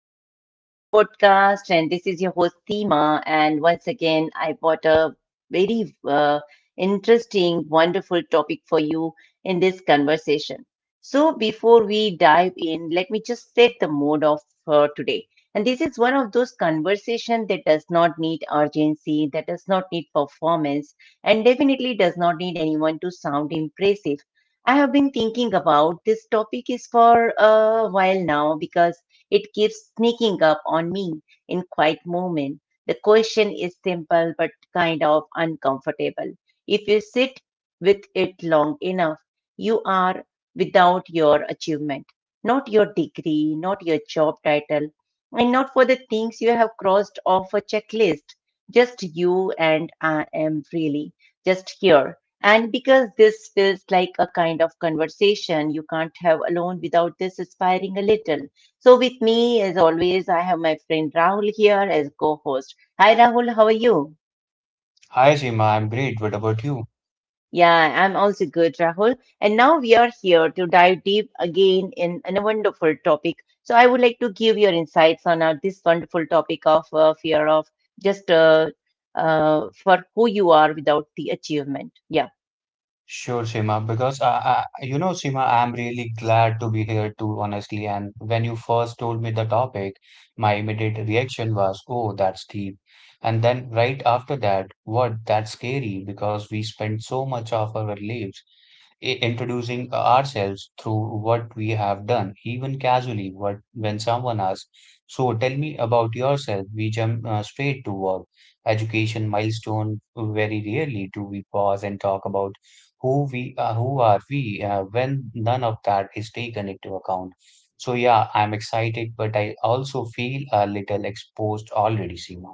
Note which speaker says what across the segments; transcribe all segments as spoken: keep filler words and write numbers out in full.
Speaker 1: Welcome back to our new podcast. And this is your host, Seema. And once again, I brought a very uh, interesting, wonderful topic for you in this conversation. So, before we dive in, let me just set the mood of uh, today. And this is one of those conversations that does not need urgency, that does not need performance, and definitely does not need anyone to sound impressive. I have been thinking about this topic is for a while now because it keeps sneaking up on me in quiet moment. The question is simple but kind of uncomfortable. If you sit with it long enough, you are without your achievement, not your degree, not your job title, and not for the things you have crossed off a checklist. Just you and I am really just here and because this feels like a kind of conversation you can't have alone without this inspiring a little. So, with me, as always, I have my friend Rahul here as co host. Hi, Rahul, how are you?
Speaker 2: Hi, Seema. I'm great. What about you?
Speaker 1: Yeah, I'm also good, Rahul. And now we are here to dive deep again in, in a wonderful topic. So, I would like to give your insights on uh, this wonderful topic of uh, fear of just uh, uh, for who you are without the achievement. Yeah.
Speaker 2: Sure, Seema. Because I, I, you know, Seema, I'm really glad to be here too, honestly. And when you first told me the topic, my immediate reaction was, "Oh, that's deep." And then right after that, what? That's scary because we spend so much of our lives i- introducing ourselves through what we have done, even casually. What when someone asks, "So tell me about yourself," we jump uh, straight to work, education, milestone. Very rarely do we pause and talk about who we uh, who are we uh, when none of that is taken into account. So yeah, I'm excited, but I also feel a little exposed already, Seema.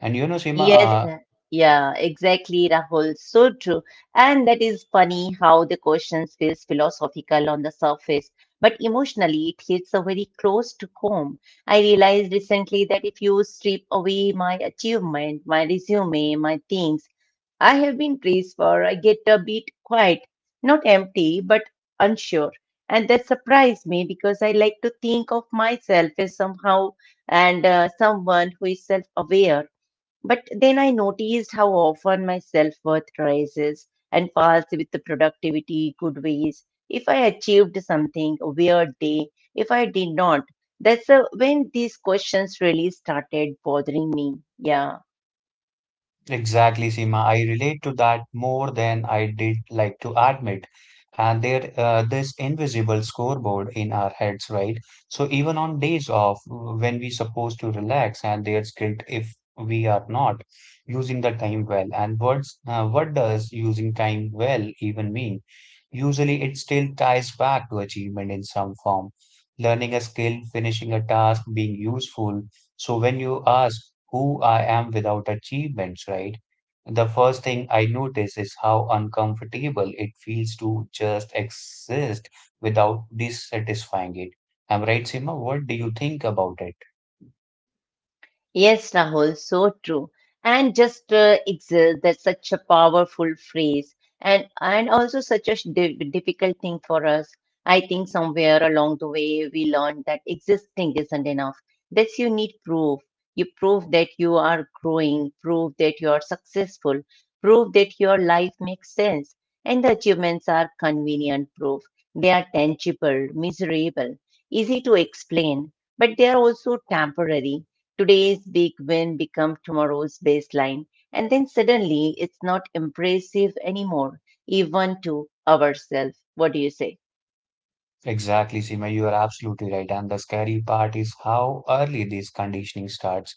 Speaker 2: And you know, Seema,
Speaker 1: Yes,
Speaker 2: uh,
Speaker 1: uh, yeah, exactly, Rahul. So true. And that is funny how the question feels philosophical on the surface, but emotionally it hits a very close to home. I realized recently that if you strip away my achievement, my resume, my things I have been placed for, I get a bit quiet, not empty, but unsure. And that surprised me because I like to think of myself as somehow and uh, someone who is self aware, but then I noticed how often my self worth rises and falls with the productivity, good ways. If I achieved something, a weird day, if I did not, that's uh when these questions really started bothering me. Yeah.
Speaker 2: exactly, Seema. I relate to that more than I did like to admit. And there, uh, this invisible scoreboard in our heads, right? So even on days off, when we supposed to relax, and there's guilt if we are not using the time well. And what's, uh, what does using time well even mean? Usually, it still ties back to achievement in some form. Learning a skill, finishing a task, being useful. So when you ask who I am without achievements, right? The first thing I notice is how uncomfortable it feels to just exist without dissatisfying it. Am I right, Seema? What do you think about it?
Speaker 1: Yes, Rahul, so true. And just uh, exist, that's such a powerful phrase, and and also such a sh- di difficult thing for us. I think somewhere along the way we learned that existing isn't enough. That's you need proof. You prove that you are growing, prove that you are successful, prove that your life makes sense, and the achievements are convenient proof. They are tangible, measurable, easy to explain, but they are also temporary. Today's big win become tomorrow's baseline, and then suddenly it's not impressive anymore, even to ourselves. What do you say?
Speaker 2: Exactly, Seema, you are absolutely right. And the scary part is how early this conditioning starts.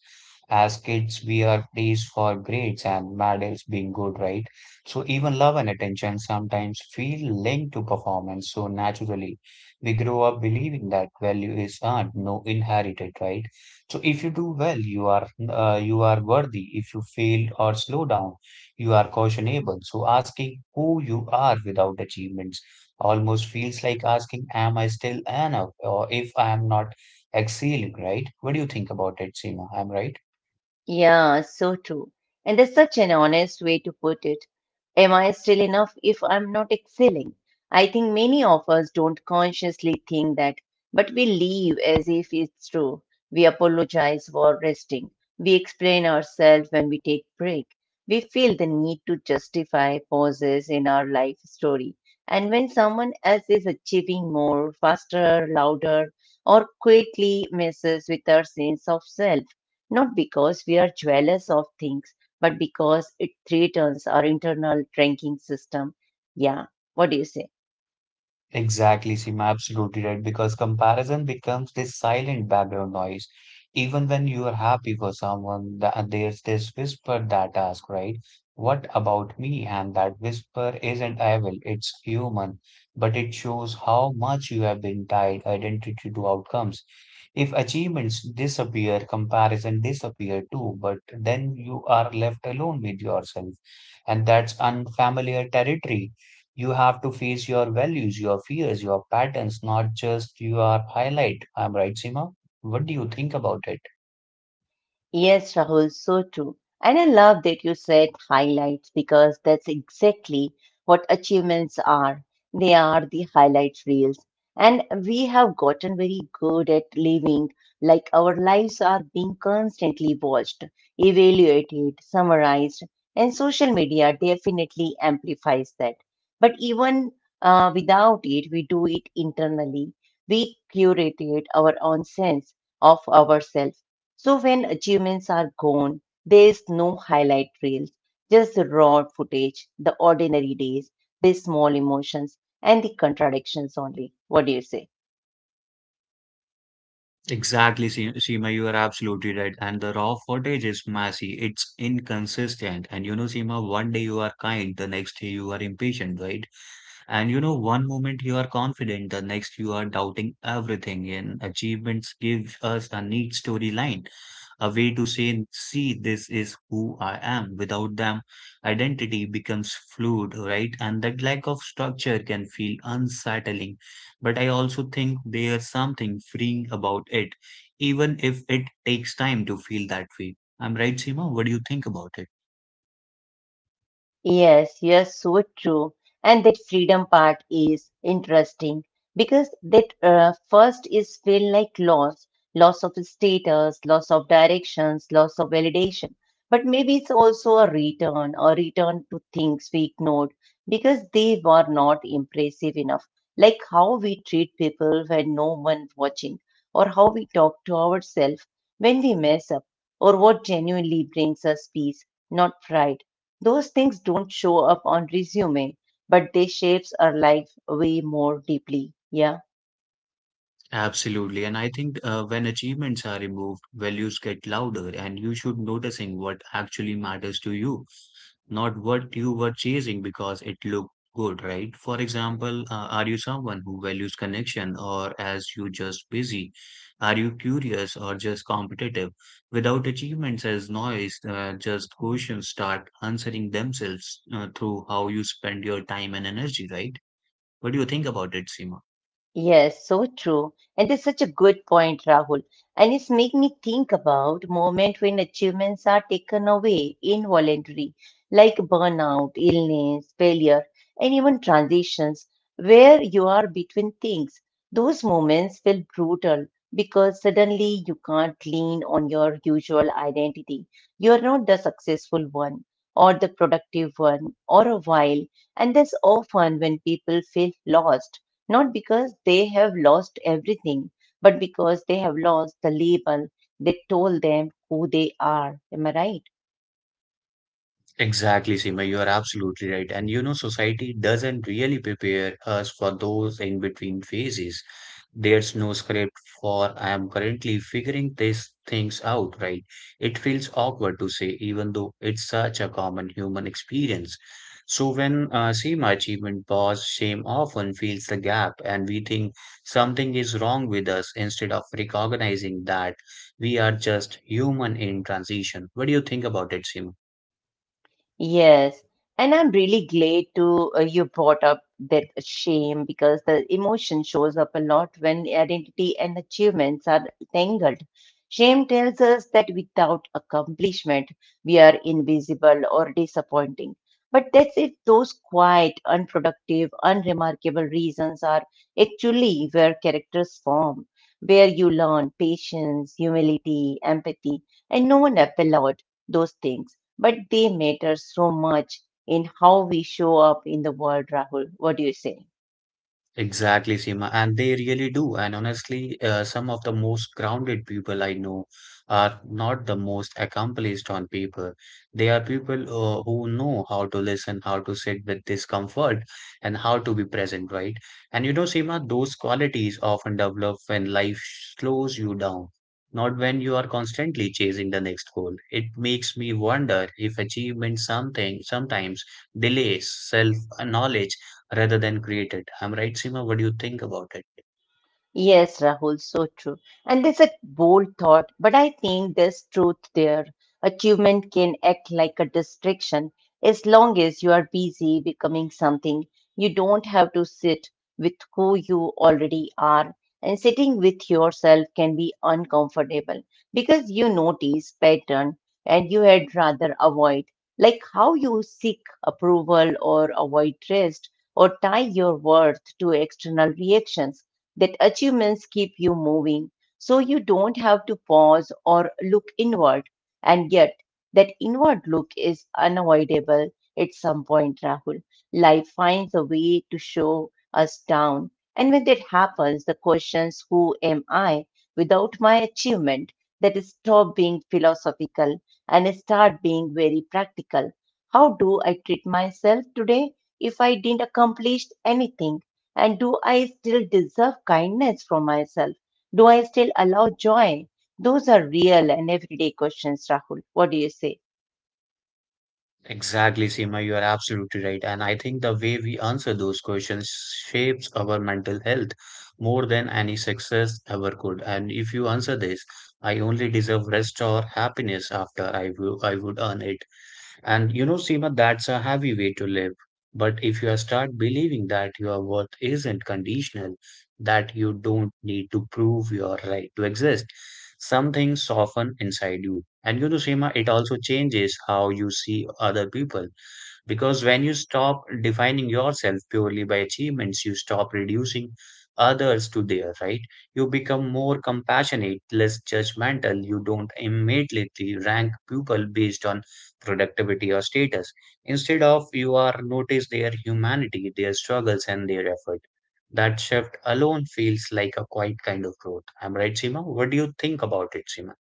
Speaker 2: As kids, we are praised for grades and medals being good, right? So even love and attention sometimes feel linked to performance. So naturally, we grow up believing that value is earned, no inherited, right? So if you do well, you are uh, you are worthy. If you fail or slow down, you are cautionable. So asking who you are without achievements almost feels like asking, am I still enough? Or if I am not excelling, right? What do you think about it, Seema? I'm right.
Speaker 1: Yeah, so true. And there's such an honest way to put it. Am I still enough if I'm not excelling? I think many of us don't consciously think that, but we live as if it's true. We apologize for resting. We explain ourselves when we take breaks. We feel the need to justify pauses in our life story. And when someone else is achieving more, faster, louder, or quickly messes with our sense of self, not because we are jealous of things, but because it threatens our internal ranking system. Yeah, what do you say?
Speaker 2: Exactly, Seema, absolutely right. Because comparison becomes this silent background noise. Even when you are happy for someone, th- there's this whisper that asks, right? What about me? And that whisper isn't evil, it's human, but it shows how much you have been tied identity to outcomes. If achievements disappear, comparison disappear too, but then you are left alone with yourself, and that's unfamiliar territory. You have to face your values, your fears, your patterns, not just your highlight. I'm right, Seema? What do you think about it?
Speaker 1: Yes, Rahul, so true. And I love that you said highlights because that's exactly what achievements are. They are the highlight reels. And we have gotten very good at living like our lives are being constantly watched, evaluated, summarized, and social media definitely amplifies that. But even uh, without it, we do it internally. We curated our own sense of ourselves so when achievements are gone, there is no highlight reels, just the raw footage, the ordinary days, the small emotions, and the contradictions only. What do you say?
Speaker 2: Exactly, Se- Seema, you are absolutely right. And the raw footage is messy, it's inconsistent. And you know, Seema, one day you are kind, the next day you are impatient, right? And you know, one moment you are confident, the next you are doubting everything. And achievements give us a neat storyline, a way to say, see, this is who I am. Without them, identity becomes fluid, right? And that lack of structure can feel unsettling. But I also think there's something freeing about it, even if it takes time to feel that way. I'm right, Seema? What do you think about it?
Speaker 1: Yes, yes, so true. And that freedom part is interesting because that uh, first is feel like loss, loss of status, loss of directions, loss of validation. But maybe it's also a return, a return to things we ignored because they were not impressive enough. Like how we treat people when no one's watching, or how we talk to ourselves when we mess up, or what genuinely brings us peace, not pride. Those things don't show up on resume, but they shapes our life way more deeply. Yeah.
Speaker 2: Absolutely. And I think uh, when achievements are removed, values get louder, and you should noticing what actually matters to you, not what you were chasing because it looked good, right? For example, uh, are you someone who values connection, or as you just busy? Are you curious or just competitive? Without achievements as noise, uh, just questions start answering themselves uh, through how you spend your time and energy, right? What do you think about it, Seema?
Speaker 1: Yes, so true. And that's such a good point, Rahul. And it's make me think about moment when achievements are taken away involuntarily, like burnout, illness, failure, and even transitions where you are between things. Those moments feel brutal because suddenly you can't lean on your usual identity. You are not the successful one or the productive one or a while. And that's often when people feel lost not because they have lost everything, but because they have lost the label that told them who they are. Am I right?
Speaker 2: Exactly, Seema, you are absolutely right. And you know, society doesn't really prepare us for those in between phases. There's no script for I am currently figuring these things out, right? It feels awkward to say, even though it's such a common human experience. So when uh, Seema achievement pause, shame often fills the gap, and we think something is wrong with us instead of recognizing that we are just human in transition. What do you think about it, Seema?
Speaker 1: Yes, and I'm really glad to uh, you brought up that shame because the emotion shows up a lot when identity and achievements are tangled. Shame tells us that without accomplishment, we are invisible or disappointing. But that's if those quiet, unproductive, unremarkable reasons are actually where characters form, where you learn patience, humility, empathy, and no one applaud those things, but they matter so much in how we show up in the world, Rahul. What do you say?
Speaker 2: Exactly, Seema, and they really do. And honestly, uh, some of the most grounded people I know are not the most accomplished on paper. They are people uh, who know how to listen, how to sit with discomfort, and how to be present, right? And you know, Seema, those qualities often develop when life slows you down, not when you are constantly chasing the next goal. It makes me wonder if achievement something sometimes delays self-knowledge rather than created. I'm right, Seema. What do you think about it?
Speaker 1: Yes, Rahul, so true. And there's a bold thought, but I think there's truth there. Achievement can act like a distraction as long as you are busy becoming something. You don't have to sit with who you already are. And sitting with yourself can be uncomfortable because you notice pattern and you had rather avoid, like how you seek approval or avoid rest or tie your worth to external reactions that achievements keep you moving. So you don't have to pause or look inward. And yet, that inward look is unavoidable at some point, Rahul. Life finds a way to show us down. And when that happens, the questions, who am I without my achievement, that stop being philosophical and start being very practical. How do I treat myself today if I didn't accomplish anything? And do I still deserve kindness from myself? Do I still allow joy? Those are real and everyday questions, Rahul. What do you say?
Speaker 2: Exactly, Seema. You are absolutely right. And I think the way we answer those questions shapes our mental health more than any success ever could. And if you answer this, I only deserve rest or happiness after I w- I would earn it. And you know, Seema, that's a heavy way to live. But if you start believing that your worth isn't conditional, that you don't need to prove your right to exist, something soften inside you. And you know, Seema, it also changes how you see other people. Because when you stop defining yourself purely by achievements, you stop reducing others to their right. You become more compassionate, less judgmental. You don't immediately rank people based on productivity or status. Instead of you are notice their humanity, their struggles and their effort. That shift alone feels like a quiet kind of growth. I'm right, Seema? What do you think about it, Seema?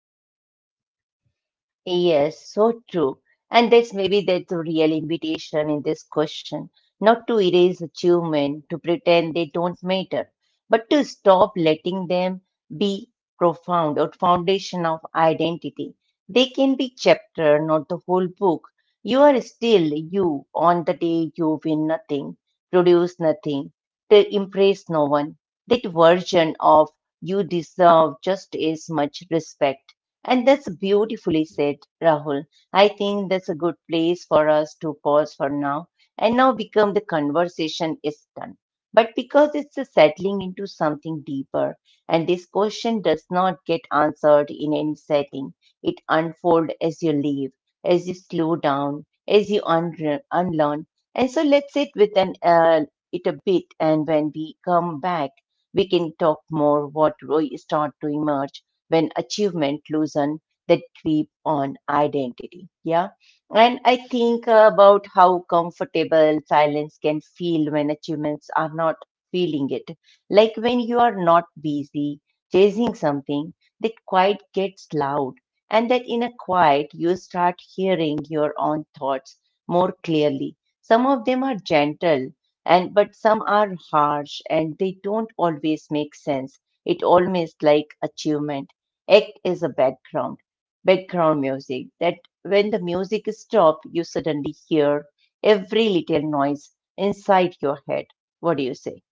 Speaker 1: Yes, so true. And that's maybe that's the real invitation in this question, not to erase achievement, to pretend they don't matter, but to stop letting them be profound or foundation of identity. They can be chapter, not the whole book. You are still you on the day you win nothing, produce nothing, to impress no one. That version of you deserve just as much respect and that's beautifully said, Rahul. I think that's a good place for us to pause for now and now become the conversation is done. But because it's a settling into something deeper, and this question does not get answered in any setting, it unfolds as you leave, as you slow down, as you unre- unlearn. And so let's sit with an, uh, it a bit, and when we come back, we can talk more what really start to emerge when achievement loosen that grip on identity. Yeah. And I think about how comfortable silence can feel when achievements are not feeling it. Like when you are not busy chasing something, that quiet gets loud. And that in a quiet, you start hearing your own thoughts more clearly. Some of them are gentle, and but some are harsh, and they don't always make sense. It almost like achievement Act is a background, background music that when the music stops, you suddenly hear every little noise inside your head. What do you say?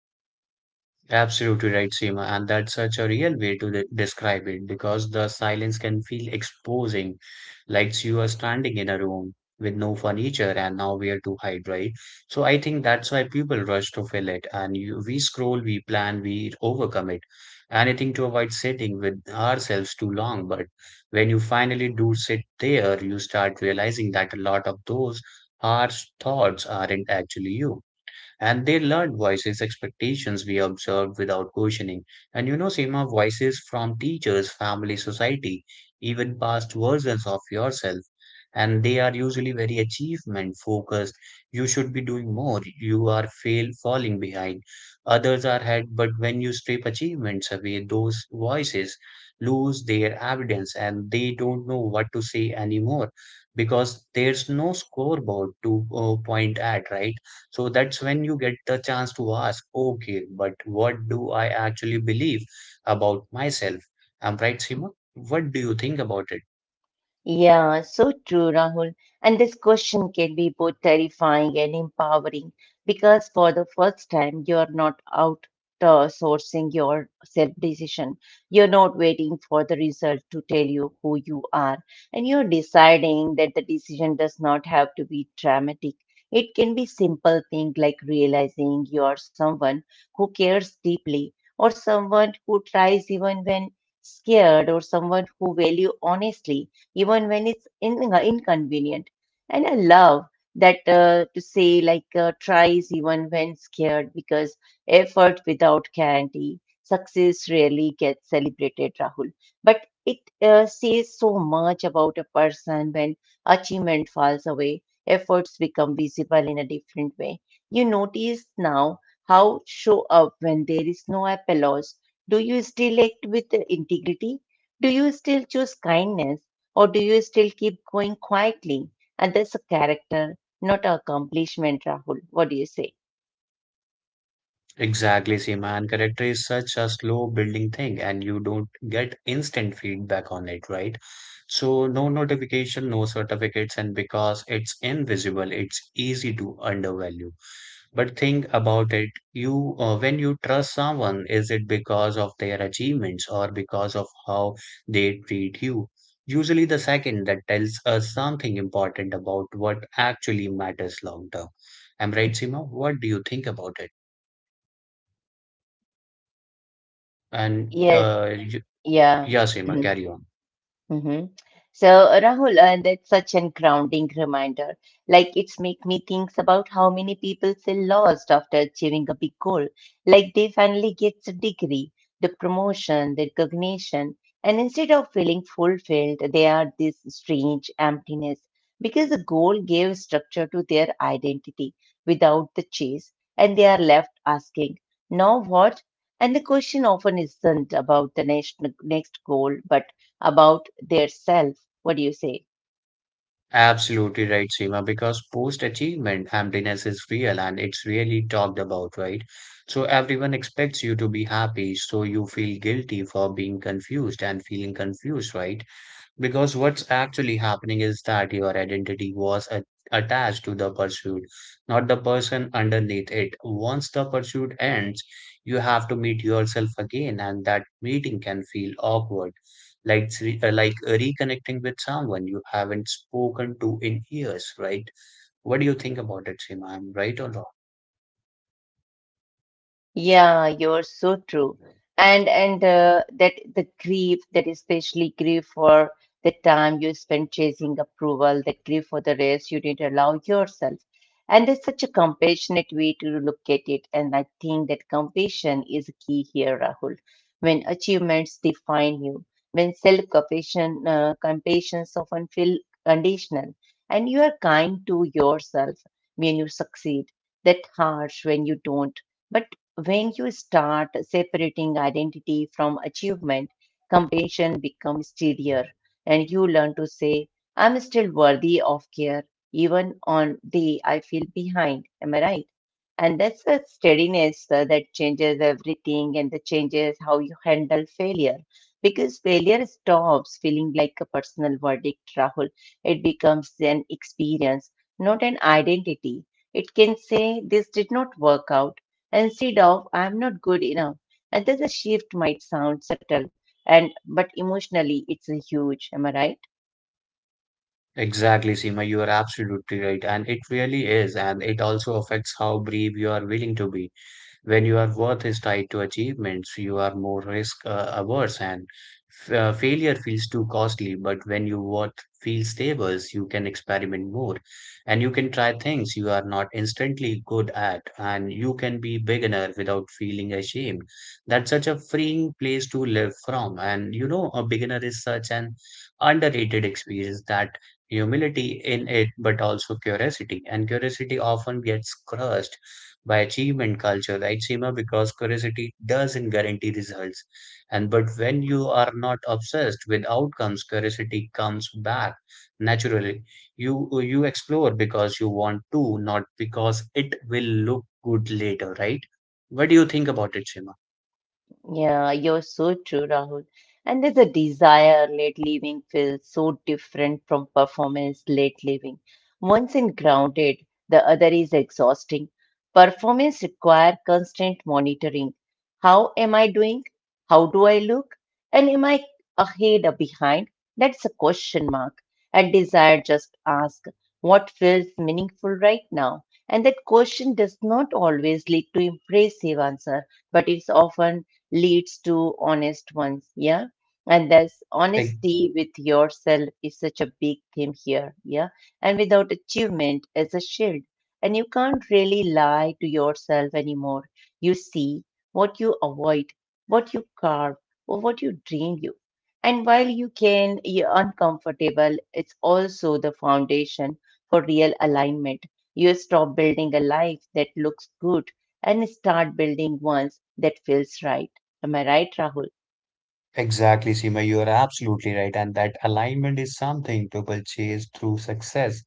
Speaker 2: Absolutely right, Seema, and that's such a real way to de- describe it because the silence can feel exposing, like you are standing in a room with no furniture and nowhere to hide, right? So I think that's why people rush to fill it, and you, we scroll, we plan, we overcome it, anything to avoid sitting with ourselves too long. But when you finally do sit there, you start realizing that a lot of those harsh thoughts aren't actually you and they learned voices, expectations we observed without questioning. And you know, Seema, voices from teachers, family, society, even past versions of yourself. And they are usually very achievement focused. You should be doing more. You are fail falling behind. Others are ahead, but when you strip achievements away, those voices lose their evidence and they don't know what to say anymore because there's no scoreboard to uh, point at, right? So that's when you get the chance to ask, okay, but what do I actually believe about myself? I'm right, Seema? What do you think about it?
Speaker 1: Yeah, so true, Rahul. And this question can be both terrifying and empowering because for the first time, you're not outsourcing your self decision. You're not waiting for the result to tell you who you are. And you're deciding that the decision does not have to be dramatic. It can be simple things like realizing you are someone who cares deeply or someone who tries even when scared or someone who value honestly even when it's in, inconvenient. And I love that uh, to say like uh, tries even when scared because effort without guarantee, success rarely gets celebrated, Rahul. But it uh, says so much about a person when achievement falls away, efforts become visible in a different way. You notice now how show up when there is no applause. Do you still act with integrity? Do you still choose kindness? Or do you still keep going quietly? And that's a character, not an accomplishment, Rahul. What do you say?
Speaker 2: Exactly, Seema. And character is such a slow building thing, and you don't get instant feedback on it, right? So, no notification, no certificates, and because it's invisible, it's easy to undervalue. But think about it. You, uh, when you trust someone, is it because of their achievements or because of how they treat you? Usually, the second that tells us something important about what actually matters long term. I'm right, Seema? What do you think about it? And
Speaker 1: Yes.
Speaker 2: uh, y-
Speaker 1: Yeah.
Speaker 2: yeah, Seema,
Speaker 1: Mhm.
Speaker 2: carry on.
Speaker 1: Hmm. So, uh, Rahul, uh, that's such an grounding reminder. Like, it's make me think about how many people feel lost after achieving a big goal. Like, they finally get a degree, the promotion, the recognition, and instead of feeling fulfilled, they are this strange emptiness because the goal gave structure to their identity without the chase, and they are left asking, now what? And the question often isn't about the next next goal, but about their self. What do you say?
Speaker 2: Absolutely right, Seema, because post-achievement emptiness is real and it's really talked about, right? So everyone expects you to be happy, so you feel guilty for being confused and feeling confused, right? Because what's actually happening is that your identity was a- attached to the pursuit, not the person underneath it. Once the pursuit ends, you have to meet yourself again, and that meeting can feel awkward, like s- uh, like reconnecting with someone you haven't spoken to in years, right? What do you think about it, Seema? I'm right or wrong?
Speaker 1: Yeah, you're so true. And and uh, That the grief, that especially grief for the time you spent chasing approval, that grief for the rest you didn't allow yourself. And it's such a compassionate way to look at it. And I think that compassion is key here, Rahul. When achievements define you, when self-compassion, uh, compassions often feel conditional, and you are kind to yourself when you succeed, that harsh when you don't. But. When you start separating identity from achievement, compassion becomes steadier and you learn to say, I'm still worthy of care even on day I feel behind. Am I right? And that's a steadiness uh, that changes everything and that changes how you handle failure. Because failure stops feeling like a personal verdict, Rahul. It becomes an experience, not an identity. It can say, this did not work out instead of "I'm not good enough." And that a shift might sound subtle and but emotionally it's a huge, am I right?
Speaker 2: Exactly, Seema, you are absolutely right, and it really is, and it also affects how brave you are willing to be. When your worth is tied to achievements, you are more risk uh, averse and f- uh, failure feels too costly. But when your worth feels stable, you can experiment more and you can try things you are not instantly good at, and you can be beginner without feeling ashamed. That's such a freeing place to live from. And you know, a beginner is such an underrated experience that humility in it, but also curiosity. And curiosity often gets crushed by achievement culture, right, Seema? Because curiosity doesn't guarantee results. And but when you are not obsessed with outcomes, curiosity comes back naturally. You you explore because you want to, not because it will look good later, right? What do you think about it, Seema?
Speaker 1: Yeah, you're so true, Rahul. And there's a desire late living feels so different from performance late living. One's in grounded, the other is exhausting. Performance require constant monitoring. How am I doing? How do I look? And am I ahead or behind? That's a question mark. And desire just ask what feels meaningful right now. And that question does not always lead to impressive answer but it's often leads to honest ones. Yeah. And thus,
Speaker 2: Like,
Speaker 1: honesty with yourself is such a big theme here. Yeah. And without achievement as a shield. And you can't really lie to yourself anymore. You see what you avoid, what you carve, or what you dream and while you can be uncomfortable, it's also the foundation for real alignment. You stop building a life that looks good and start building ones that feels right. Am I right, Rahul?
Speaker 2: exactly, Seema, you are absolutely right. And that alignment is something people chase through success.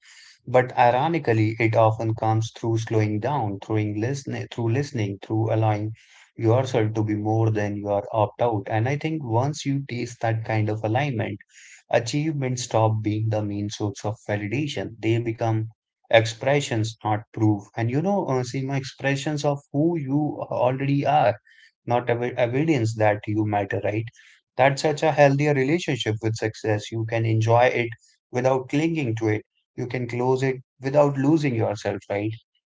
Speaker 2: But ironically, it often comes through slowing down, through listening, through listening, through allowing yourself to be more than you are opt out. And I think once you taste that kind of alignment, achievements stop being the main source of validation. They become expressions, not proof. And you know, uh, Seema, expressions of who you already are, not ev evidence that you matter, right? That's such a healthier relationship with success. You can enjoy it without clinging to it. You can close it without losing yourself, right?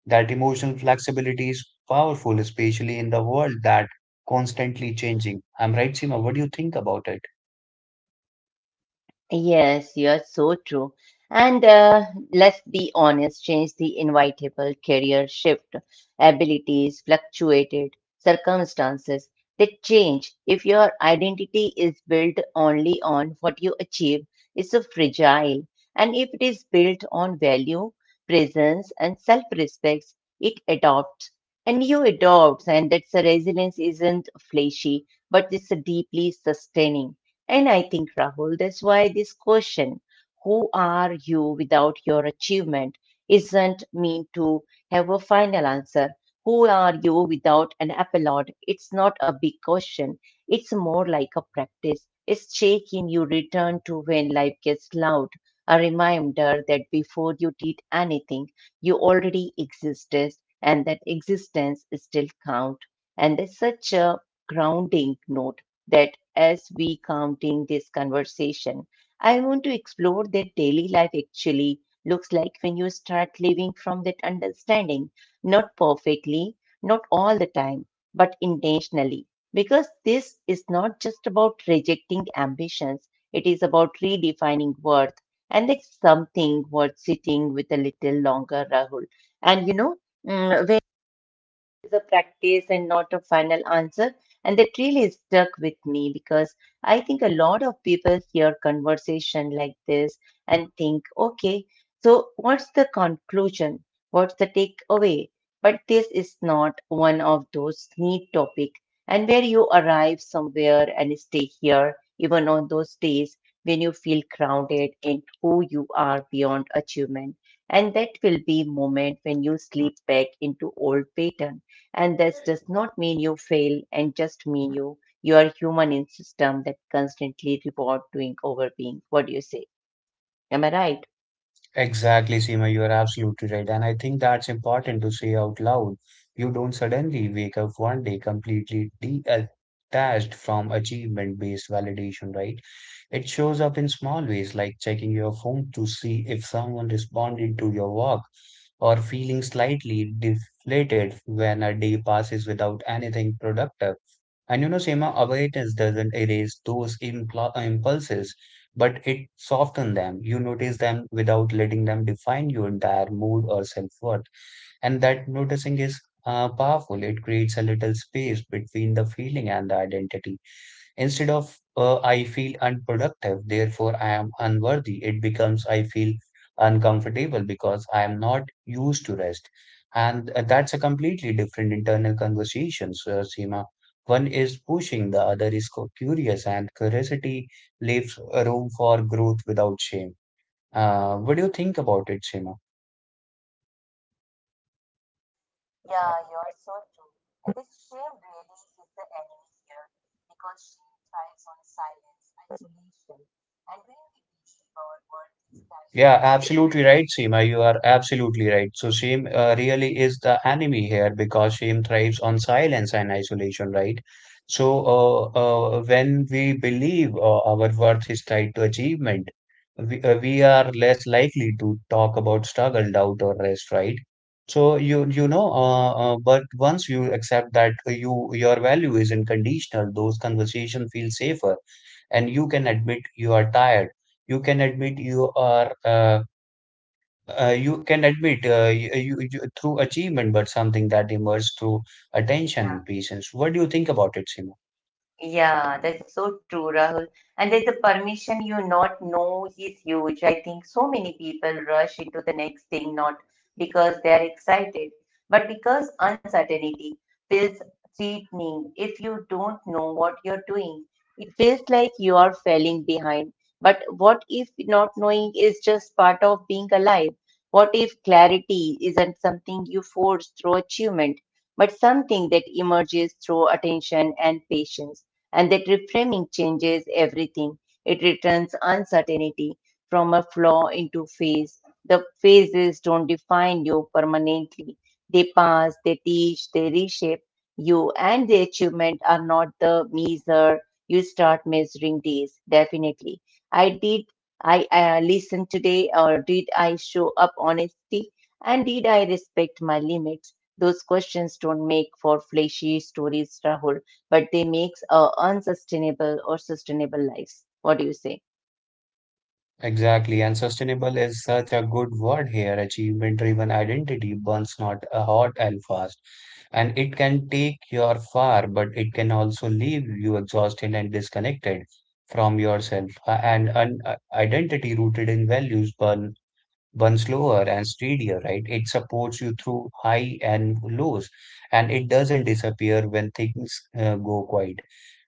Speaker 2: That emotional flexibility is powerful, especially in the world that constantly changing. I'm right, Seema. What do you think about it?
Speaker 1: Yes, you are so true. And uh, let's be honest, change the inevitable career shift. Abilities fluctuated, circumstances they change. If your identity is built only on what you achieve, it's so fragile. And if it is built on value, presence, and self-respect, it adopts. And you adopts, and that's a resilience isn't flashy, but it's deeply sustaining. And I think, Rahul, that's why this question, who are you without your achievement, isn't meant to have a final answer. Who are you without an applaud? It's not a big question. It's more like a practice. It's shaking you return to when life gets loud. A reminder that before you did anything, you already existed and that existence still count. And that's such a grounding note that as we counting this conversation, I want to explore that daily life actually looks like when you start living from that understanding, not perfectly, not all the time, but intentionally. Because this is not just about rejecting the ambitions, it is about redefining worth. And that's something worth sitting with a little longer, Rahul. And you know, mm, is a practice and not a final answer. And that really stuck with me because I think a lot of people hear conversation like this and think, okay, so what's the conclusion? What's the takeaway? But this is not one of those neat topic and where you arrive somewhere and stay here, even on those days when you feel grounded in who you are beyond achievement. And that will be moment when you slip back into old pattern and this does not mean you fail and just mean you you are human in system that constantly reward doing over being. What do you say? Am I right?
Speaker 2: Exactly, Seema, you are absolutely right. And I think that's important to say out loud. You don't suddenly wake up one day completely detached from achievement-based validation, right? It shows up in small ways, like checking your phone to see if someone responded to your work, or feeling slightly deflated when a day passes without anything productive. And you know, Seema, awareness doesn't erase those impl impulses, but it softens them. You notice them without letting them define your entire mood or self-worth. And that noticing is uh, powerful. It creates a little space between the feeling and the identity. Instead of uh, I feel unproductive, therefore I am unworthy, it becomes I feel uncomfortable because I am not used to rest. And uh, that's a completely different internal conversation, Sir Seema. One is pushing, the other is cu- curious, and curiosity leaves room for growth without shame. Uh, what do you think about it, Seema?
Speaker 1: Yeah, you're so true. And this shame really is the enemy here because shame thrives on silence, isolation, and when we believe our worth is tied.
Speaker 2: Yeah, absolutely right, Seema. You are absolutely right. So shame uh, really is the enemy here because shame thrives on silence and isolation, right? So uh, uh, when we believe uh, our worth is tied to achievement, we, uh, we are less likely to talk about struggle, doubt, or rest, right? So you you know, uh, uh, but once you accept that you your value is unconditional, those conversations feel safer and you can admit you are tired you can admit you are uh, uh, you can admit uh, you, you, you- through achievement but something that emerges through attention and patience. What do you think about it, Simo?
Speaker 1: Yeah, that's so true, Rahul. And there's a permission you not know is huge. I think so many people rush into the next thing not because they are excited, but because uncertainty feels threatening. If you don't know what you're doing, it feels like you are falling behind. But what if not knowing is just part of being alive? What if clarity isn't something you force through achievement, but something that emerges through attention and patience? And that reframing changes everything. It returns uncertainty from a flaw into phase. The phases don't define you permanently. They pass, they teach, they reshape you, and the achievement are not the measure you start measuring days. Definitely, I did. I uh, listen today, or did I show up honesty, and did I respect my limits? Those questions don't make for flashy stories, Rahul but they makes a unsustainable or sustainable lives. What do you say?
Speaker 2: Exactly, and sustainable is such a good word here. Achievement-driven identity burns not uh, hot and fast, and it can take you far, but it can also leave you exhausted and disconnected from yourself. Uh, And an uh, identity rooted in values burn one slower and steadier, right? It supports you through high and lows, and it doesn't disappear when things uh, go quiet.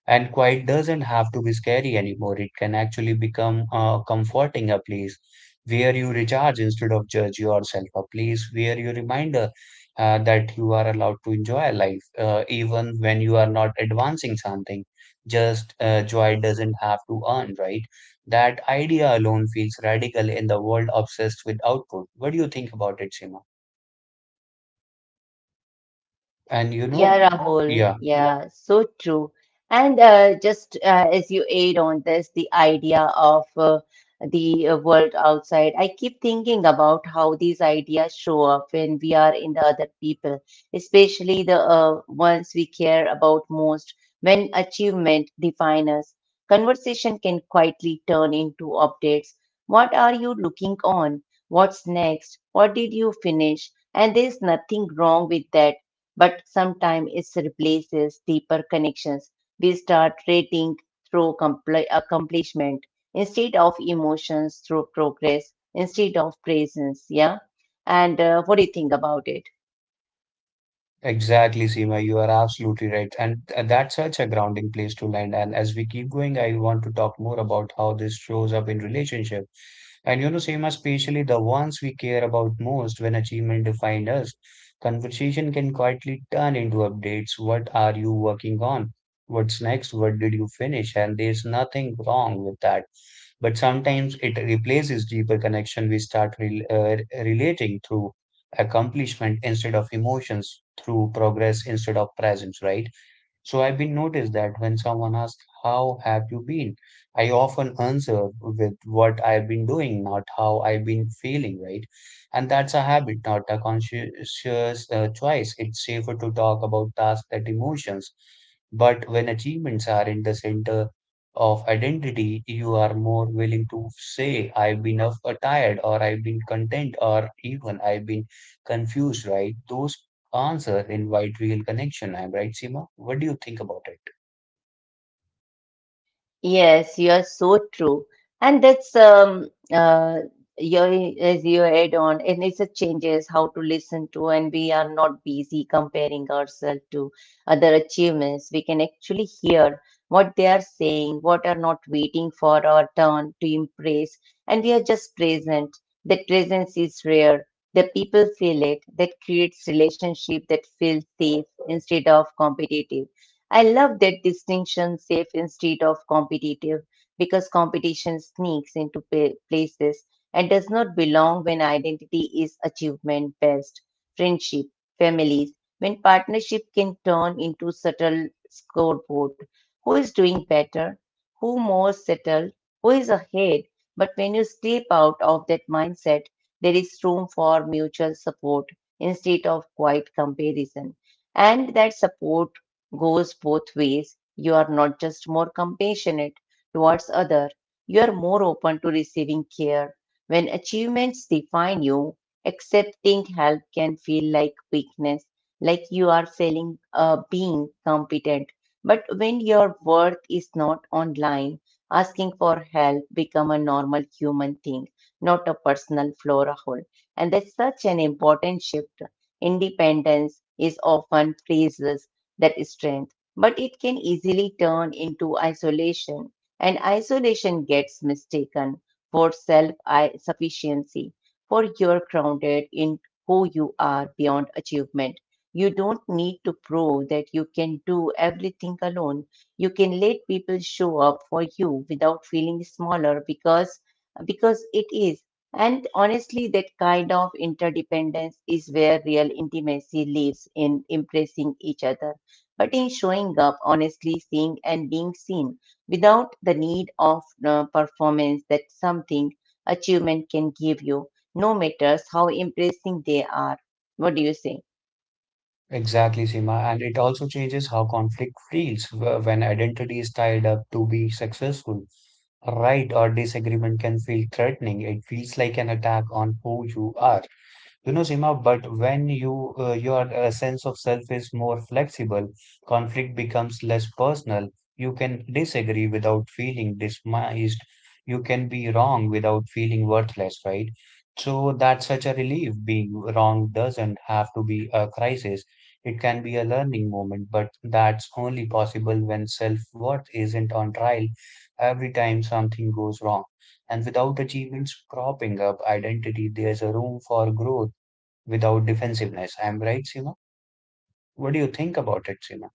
Speaker 2: And quiet doesn't have to be scary anymore. It can actually become uh, comforting, a place where you recharge instead of judge yourself, a place where you reminder uh, that you are allowed to enjoy life, uh, even when you are not advancing something. Just uh, joy doesn't have to earn, right? That idea alone feels radical in the world obsessed with output. What do you think about it, Seema? And you know,
Speaker 1: Yeah, Rahul.
Speaker 2: yeah.
Speaker 1: Yeah. Yeah, so true. And uh, just uh, as you aid on this, the idea of uh, the uh, world outside, I keep thinking about how these ideas show up when we are in the other people, especially the uh, ones we care about most. When achievement defines us, conversation can quietly turn into updates. What are you looking on? What's next? What did you finish? And there's nothing wrong with that but sometimes it replaces deeper connections. We start rating through compli uh, accomplishment instead of emotions through progress, instead of presence. Yeah. And uh, what do you think about it?
Speaker 2: Exactly, Seema, you are absolutely right. And th- that's such a grounding place to land. And as we keep going, I want to talk more about how this shows up in relationship. And you know, Seema, especially the ones we care about most when achievement defines us, conversation can quietly turn into updates. What are you working on? What's next? What did you finish? And there's nothing wrong with that. But sometimes it replaces deeper connection we start rel uh, relating through accomplishment instead of emotions, through progress instead of presence, right? So I've been noticed that when someone asks, how have you been? I often answer with what I've been doing, not how I've been feeling, right? And that's a habit, not a conscious uh, choice. It's safer to talk about tasks and emotions. But when achievements are in the center of identity, you are more willing to say, I've been of- uh, tired, or I've been content, or even I've been confused, right? Those answer in wide real connection. I'm right, Seema? What do you think about it?
Speaker 1: Yes, you are so true. And that's um uh your as you add on, and it's a changes how to listen to, and we are not busy comparing ourselves to other achievements. We can actually hear what they are saying, what are not waiting for our turn to impress, and we are just present. That presence is rare the people feel it. That creates relationship that feel safe instead of competitive. I love that distinction safe instead of competitive because competition sneaks into pa- places and does not belong when identity is achievement based. Friendship, families, when partnership can turn into subtle scoreboard. Who is doing better? Who more settled? Who is ahead? But when you step out of that mindset, there is room for mutual support instead of quiet comparison. And that support goes both ways. You are not just more compassionate towards other, you are more open to receiving care. When achievements define you, accepting help can feel like weakness, like you are failing uh, being competent. But when your worth is not online, asking for help become a normal human thing not a personal flora hole. And that's such an important shift. Independence is often praises that strength, but it can easily turn into isolation. And isolation gets mistaken for self sufficiency, for you're grounded in who you are beyond achievement. You don't need to prove that you can do everything alone. You can let people show up for you without feeling smaller because because it is. And honestly, that kind of interdependence is where real intimacy lives in impressing each other, but in showing up honestly, seeing and being seen without the need of uh, performance that something achievement can give you, no matters how impressing they are. What do you say?
Speaker 2: Exactly, Seema. And it also changes how conflict feels wh- when identity is tied up to be successful. Right or disagreement can feel threatening. It feels like an attack on who you are. You know, Seema, but when you uh, your uh, sense of self is more flexible, conflict becomes less personal. You can disagree without feeling dismissed. You can be wrong without feeling worthless, right? So that's such a relief. Being wrong doesn't have to be a crisis. It can be a learning moment, but that's only possible when self-worth isn't on trial every time something goes wrong. And without achievements propping up identity, there's a room for growth without defensiveness. I am right, Seema? What do you think about it, Seema?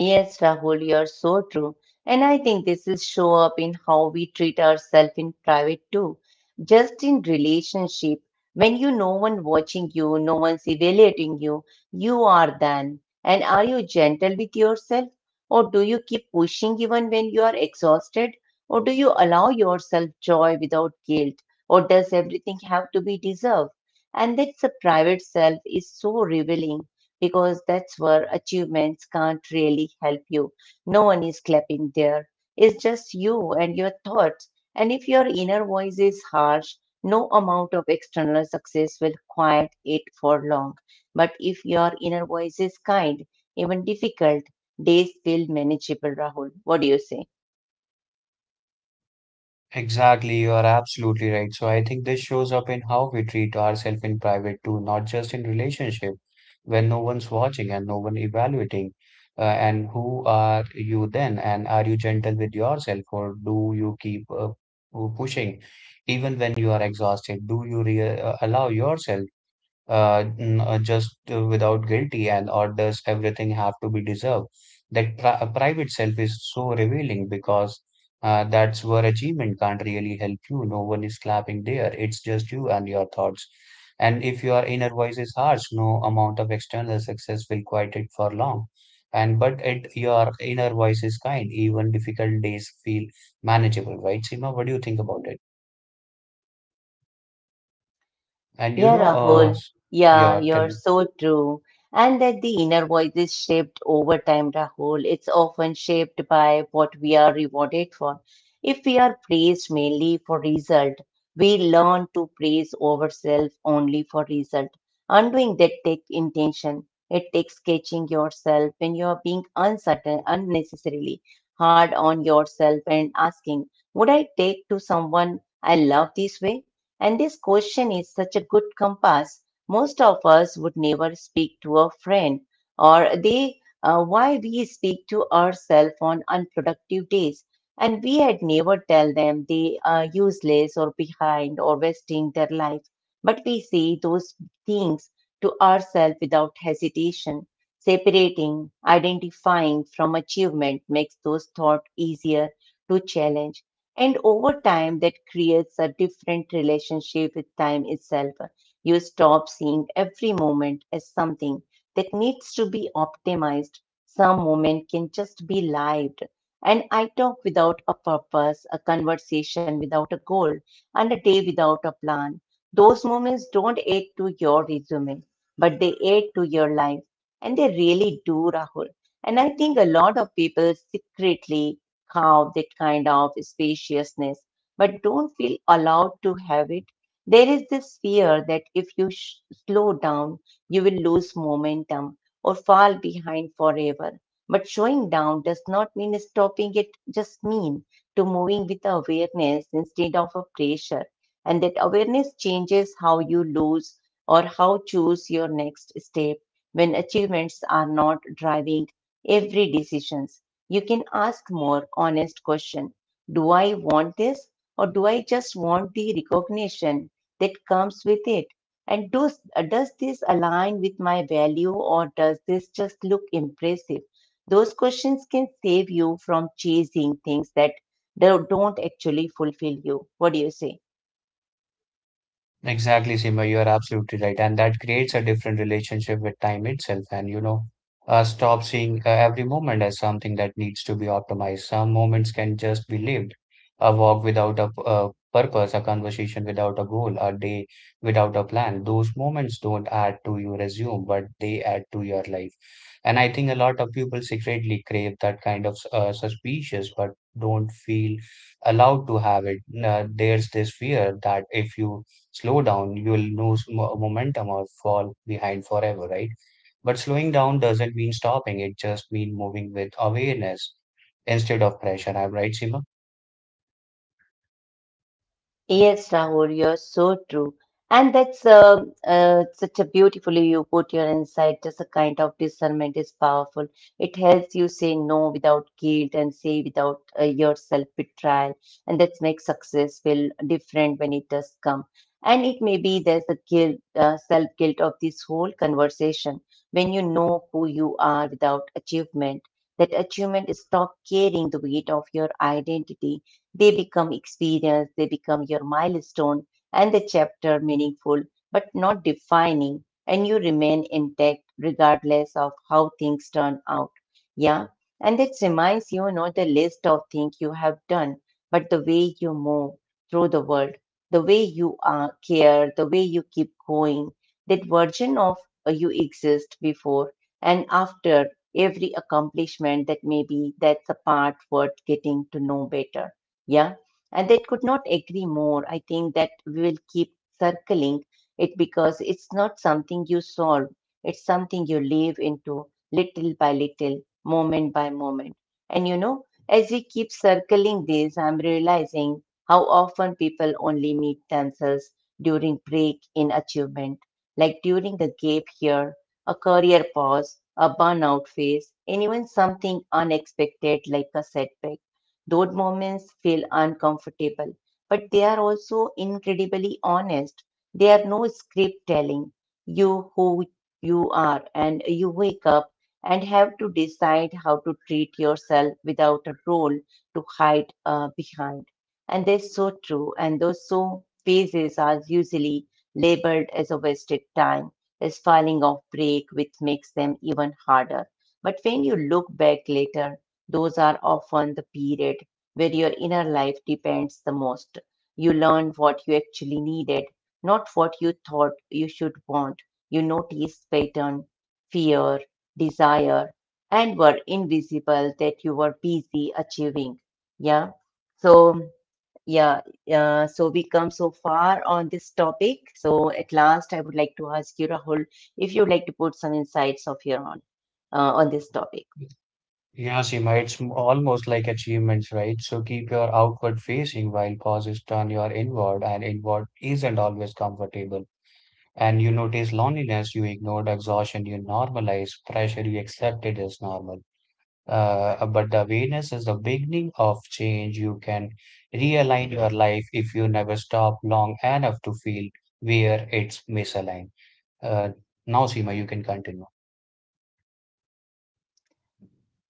Speaker 1: Yes, Rahul, you're so true. And I think this is show up in how we treat ourselves in private too. Just in relationship, when you no one watching you, no one's evaluating you, you are then. And are you gentle with yourself? Or do you keep pushing even when you are exhausted? Or do you allow yourself joy without guilt? Or does everything have to be deserved? And that's a private self is so revealing because that's where achievements can't really help you. No one is clapping there. It's just you and your thoughts. And if your inner voice is harsh, no amount of external success will quiet it for long. But if your inner voice is kind, even difficult, days feel manageable, Rahul. What do you say?
Speaker 2: Exactly, you are absolutely right. So I think this shows up in how we treat ourselves in private too, not just in relationship, when no one's watching and no one evaluating. Uh, and who are you then? And are you gentle with yourself, or do you keep uh, pu- pushing even when you are exhausted? Do you re uh, allow yourself uh, n- uh, just uh, without guilty, and or does everything have to be deserved? That pri uh, private self is so revealing because uh, that's where achievement can't really help you. No one is clapping there. It's just you and your thoughts. And if your inner voice is harsh, no amount of external success will quiet it for long. And but it your inner voice is kind, even difficult days feel manageable, right, Seema? What do you think about it? And you
Speaker 1: Yeah,
Speaker 2: know uh
Speaker 1: Rahul.
Speaker 2: s-
Speaker 1: Yeah,
Speaker 2: Yeah,
Speaker 1: you're
Speaker 2: tell.
Speaker 1: so true. And that the inner voice is shaped over time, Rahul. It's often shaped by what we are rewarded for. If we are praised mainly for result, we learn to praise ourselves only for result. Undoing that takes intention. It takes catching yourself when you are being uncertain, unnecessarily hard on yourself and asking, would I take to someone I love this way? And this question is such a good compass. Most of us would never speak to a friend or they uh, why we speak to ourselves on unproductive days. And we had never tell them they are useless or behind or wasting their life. But we say those things to ourselves without hesitation. Separating, identifying from achievement makes those thoughts easier to challenge. And over time, that creates a different relationship with time itself. You stop seeing every moment as something that needs to be optimized. Some moment can just be lived. And I talk without a purpose, a conversation without a goal, and a day without a plan. Those moments don't add to your resume, but they add to your life. And they really do, Rahul. And I think a lot of people secretly have that kind of spaciousness, but don't feel allowed to have it. There is this fear that if you sh- slow down, you will lose momentum or fall behind forever. But slowing down does not mean stopping. It just mean to moving with awareness instead of a pressure. And that awareness changes how you lose or how choose your next step when achievements are not driving every decision. You can ask more honest questions. Do I want this or do I just want the recognition that comes with it? And does, uh, does this align with my value or does this just look impressive? Those questions can save you from chasing things that don't actually fulfill you. What do you say?
Speaker 2: Exactly, Seema, you are absolutely right. And that creates a different relationship with time itself. And, you know, uh, stop seeing uh, every moment as something that needs to be optimized. Some moments can just be lived. A walk without a, p- a purpose, a conversation without a goal, a day without a plan. Those moments don't add to your resume, but they add to your life. And I think a lot of people secretly crave that kind of uh, suspicious, but don't feel allowed to have it. Uh, there's this fear that if you slow down, you will lose mo- momentum or fall behind forever, right? But slowing down doesn't mean stopping, it just means moving with awareness instead of pressure. I'm right, Seema?
Speaker 1: Yes, Rahul, you're so true. And that's uh, uh, such a beautifully you put your insight. Just a kind of discernment is powerful. It helps you say no without guilt and say without uh, your self-betrayal. And that makes success feel different when it does come. And it may be there's the guilt, uh, self-guilt of this whole conversation. When you know who you are without achievement, that achievement is not carrying the weight of your identity they become experience, they become your milestone and the chapter meaningful but not defining, and you remain intact regardless of how things turn out. Yeah, and it reminds you, you know the list of things you have done, but the way you move through the world, the way you uh, care, the way you keep going, that version of uh, you exist before and after every accomplishment that maybe that's a part worth getting to know better, yeah, and they could not agree more. I think that we will keep circling it because it's not something you solve, it's something you live into little by little, moment by moment. And you know, as we keep circling this, I'm realizing how often people only meet themselves during break in achievement, like during a gap here, a career pause, a burnout phase, and even something unexpected like a setback those moments feel uncomfortable, but they are also incredibly honest. They are no script telling you who you are, and you wake up and have to decide how to treat yourself without a role to hide uh, behind. And that's so true. And those so phases are usually labeled as a wasted time, as falling off break, which makes them even harder. But when you look back later, those are often the period where your inner life depends the most. You learn what you actually needed, not what you thought you should want. You notice pattern, fear, desire, and were invisible that you were busy achieving. Yeah. So yeah, uh, so we come so far on this topic. So at last, I would like to ask you, Rahul, if you'd like to put some insights of your own uh, on this topic.
Speaker 2: Yeah, Seema, it's m- almost like achievements, right? So keep your outward facing while pauses turn your inward, and inward isn't always comfortable. And you notice loneliness you ignored, exhaustion you normalize, pressure you accepted as normal. Uh, but the awareness is the beginning of change. You can realign your life if you never stop long enough to feel where it's misaligned. Uh, now, Seema, you can continue.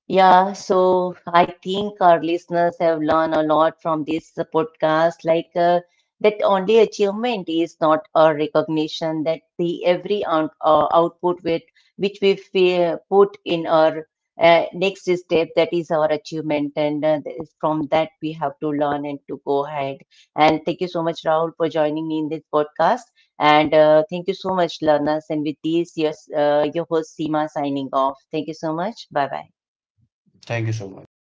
Speaker 1: Yeah, so I think our listeners have learned a lot from this podcast, like uh, that only achievement is not a recognition that the every out, uh, output with which we feel, put in our uh, next step that is our achievement, and uh, th- from that we have to learn and to go ahead. And thank you so much, Rahul, for joining me in this podcast, and uh, thank you so much, learners. And with this, yes, uh, your host Seema signing off. Thank you so much. Bye bye.
Speaker 2: Thank you so much.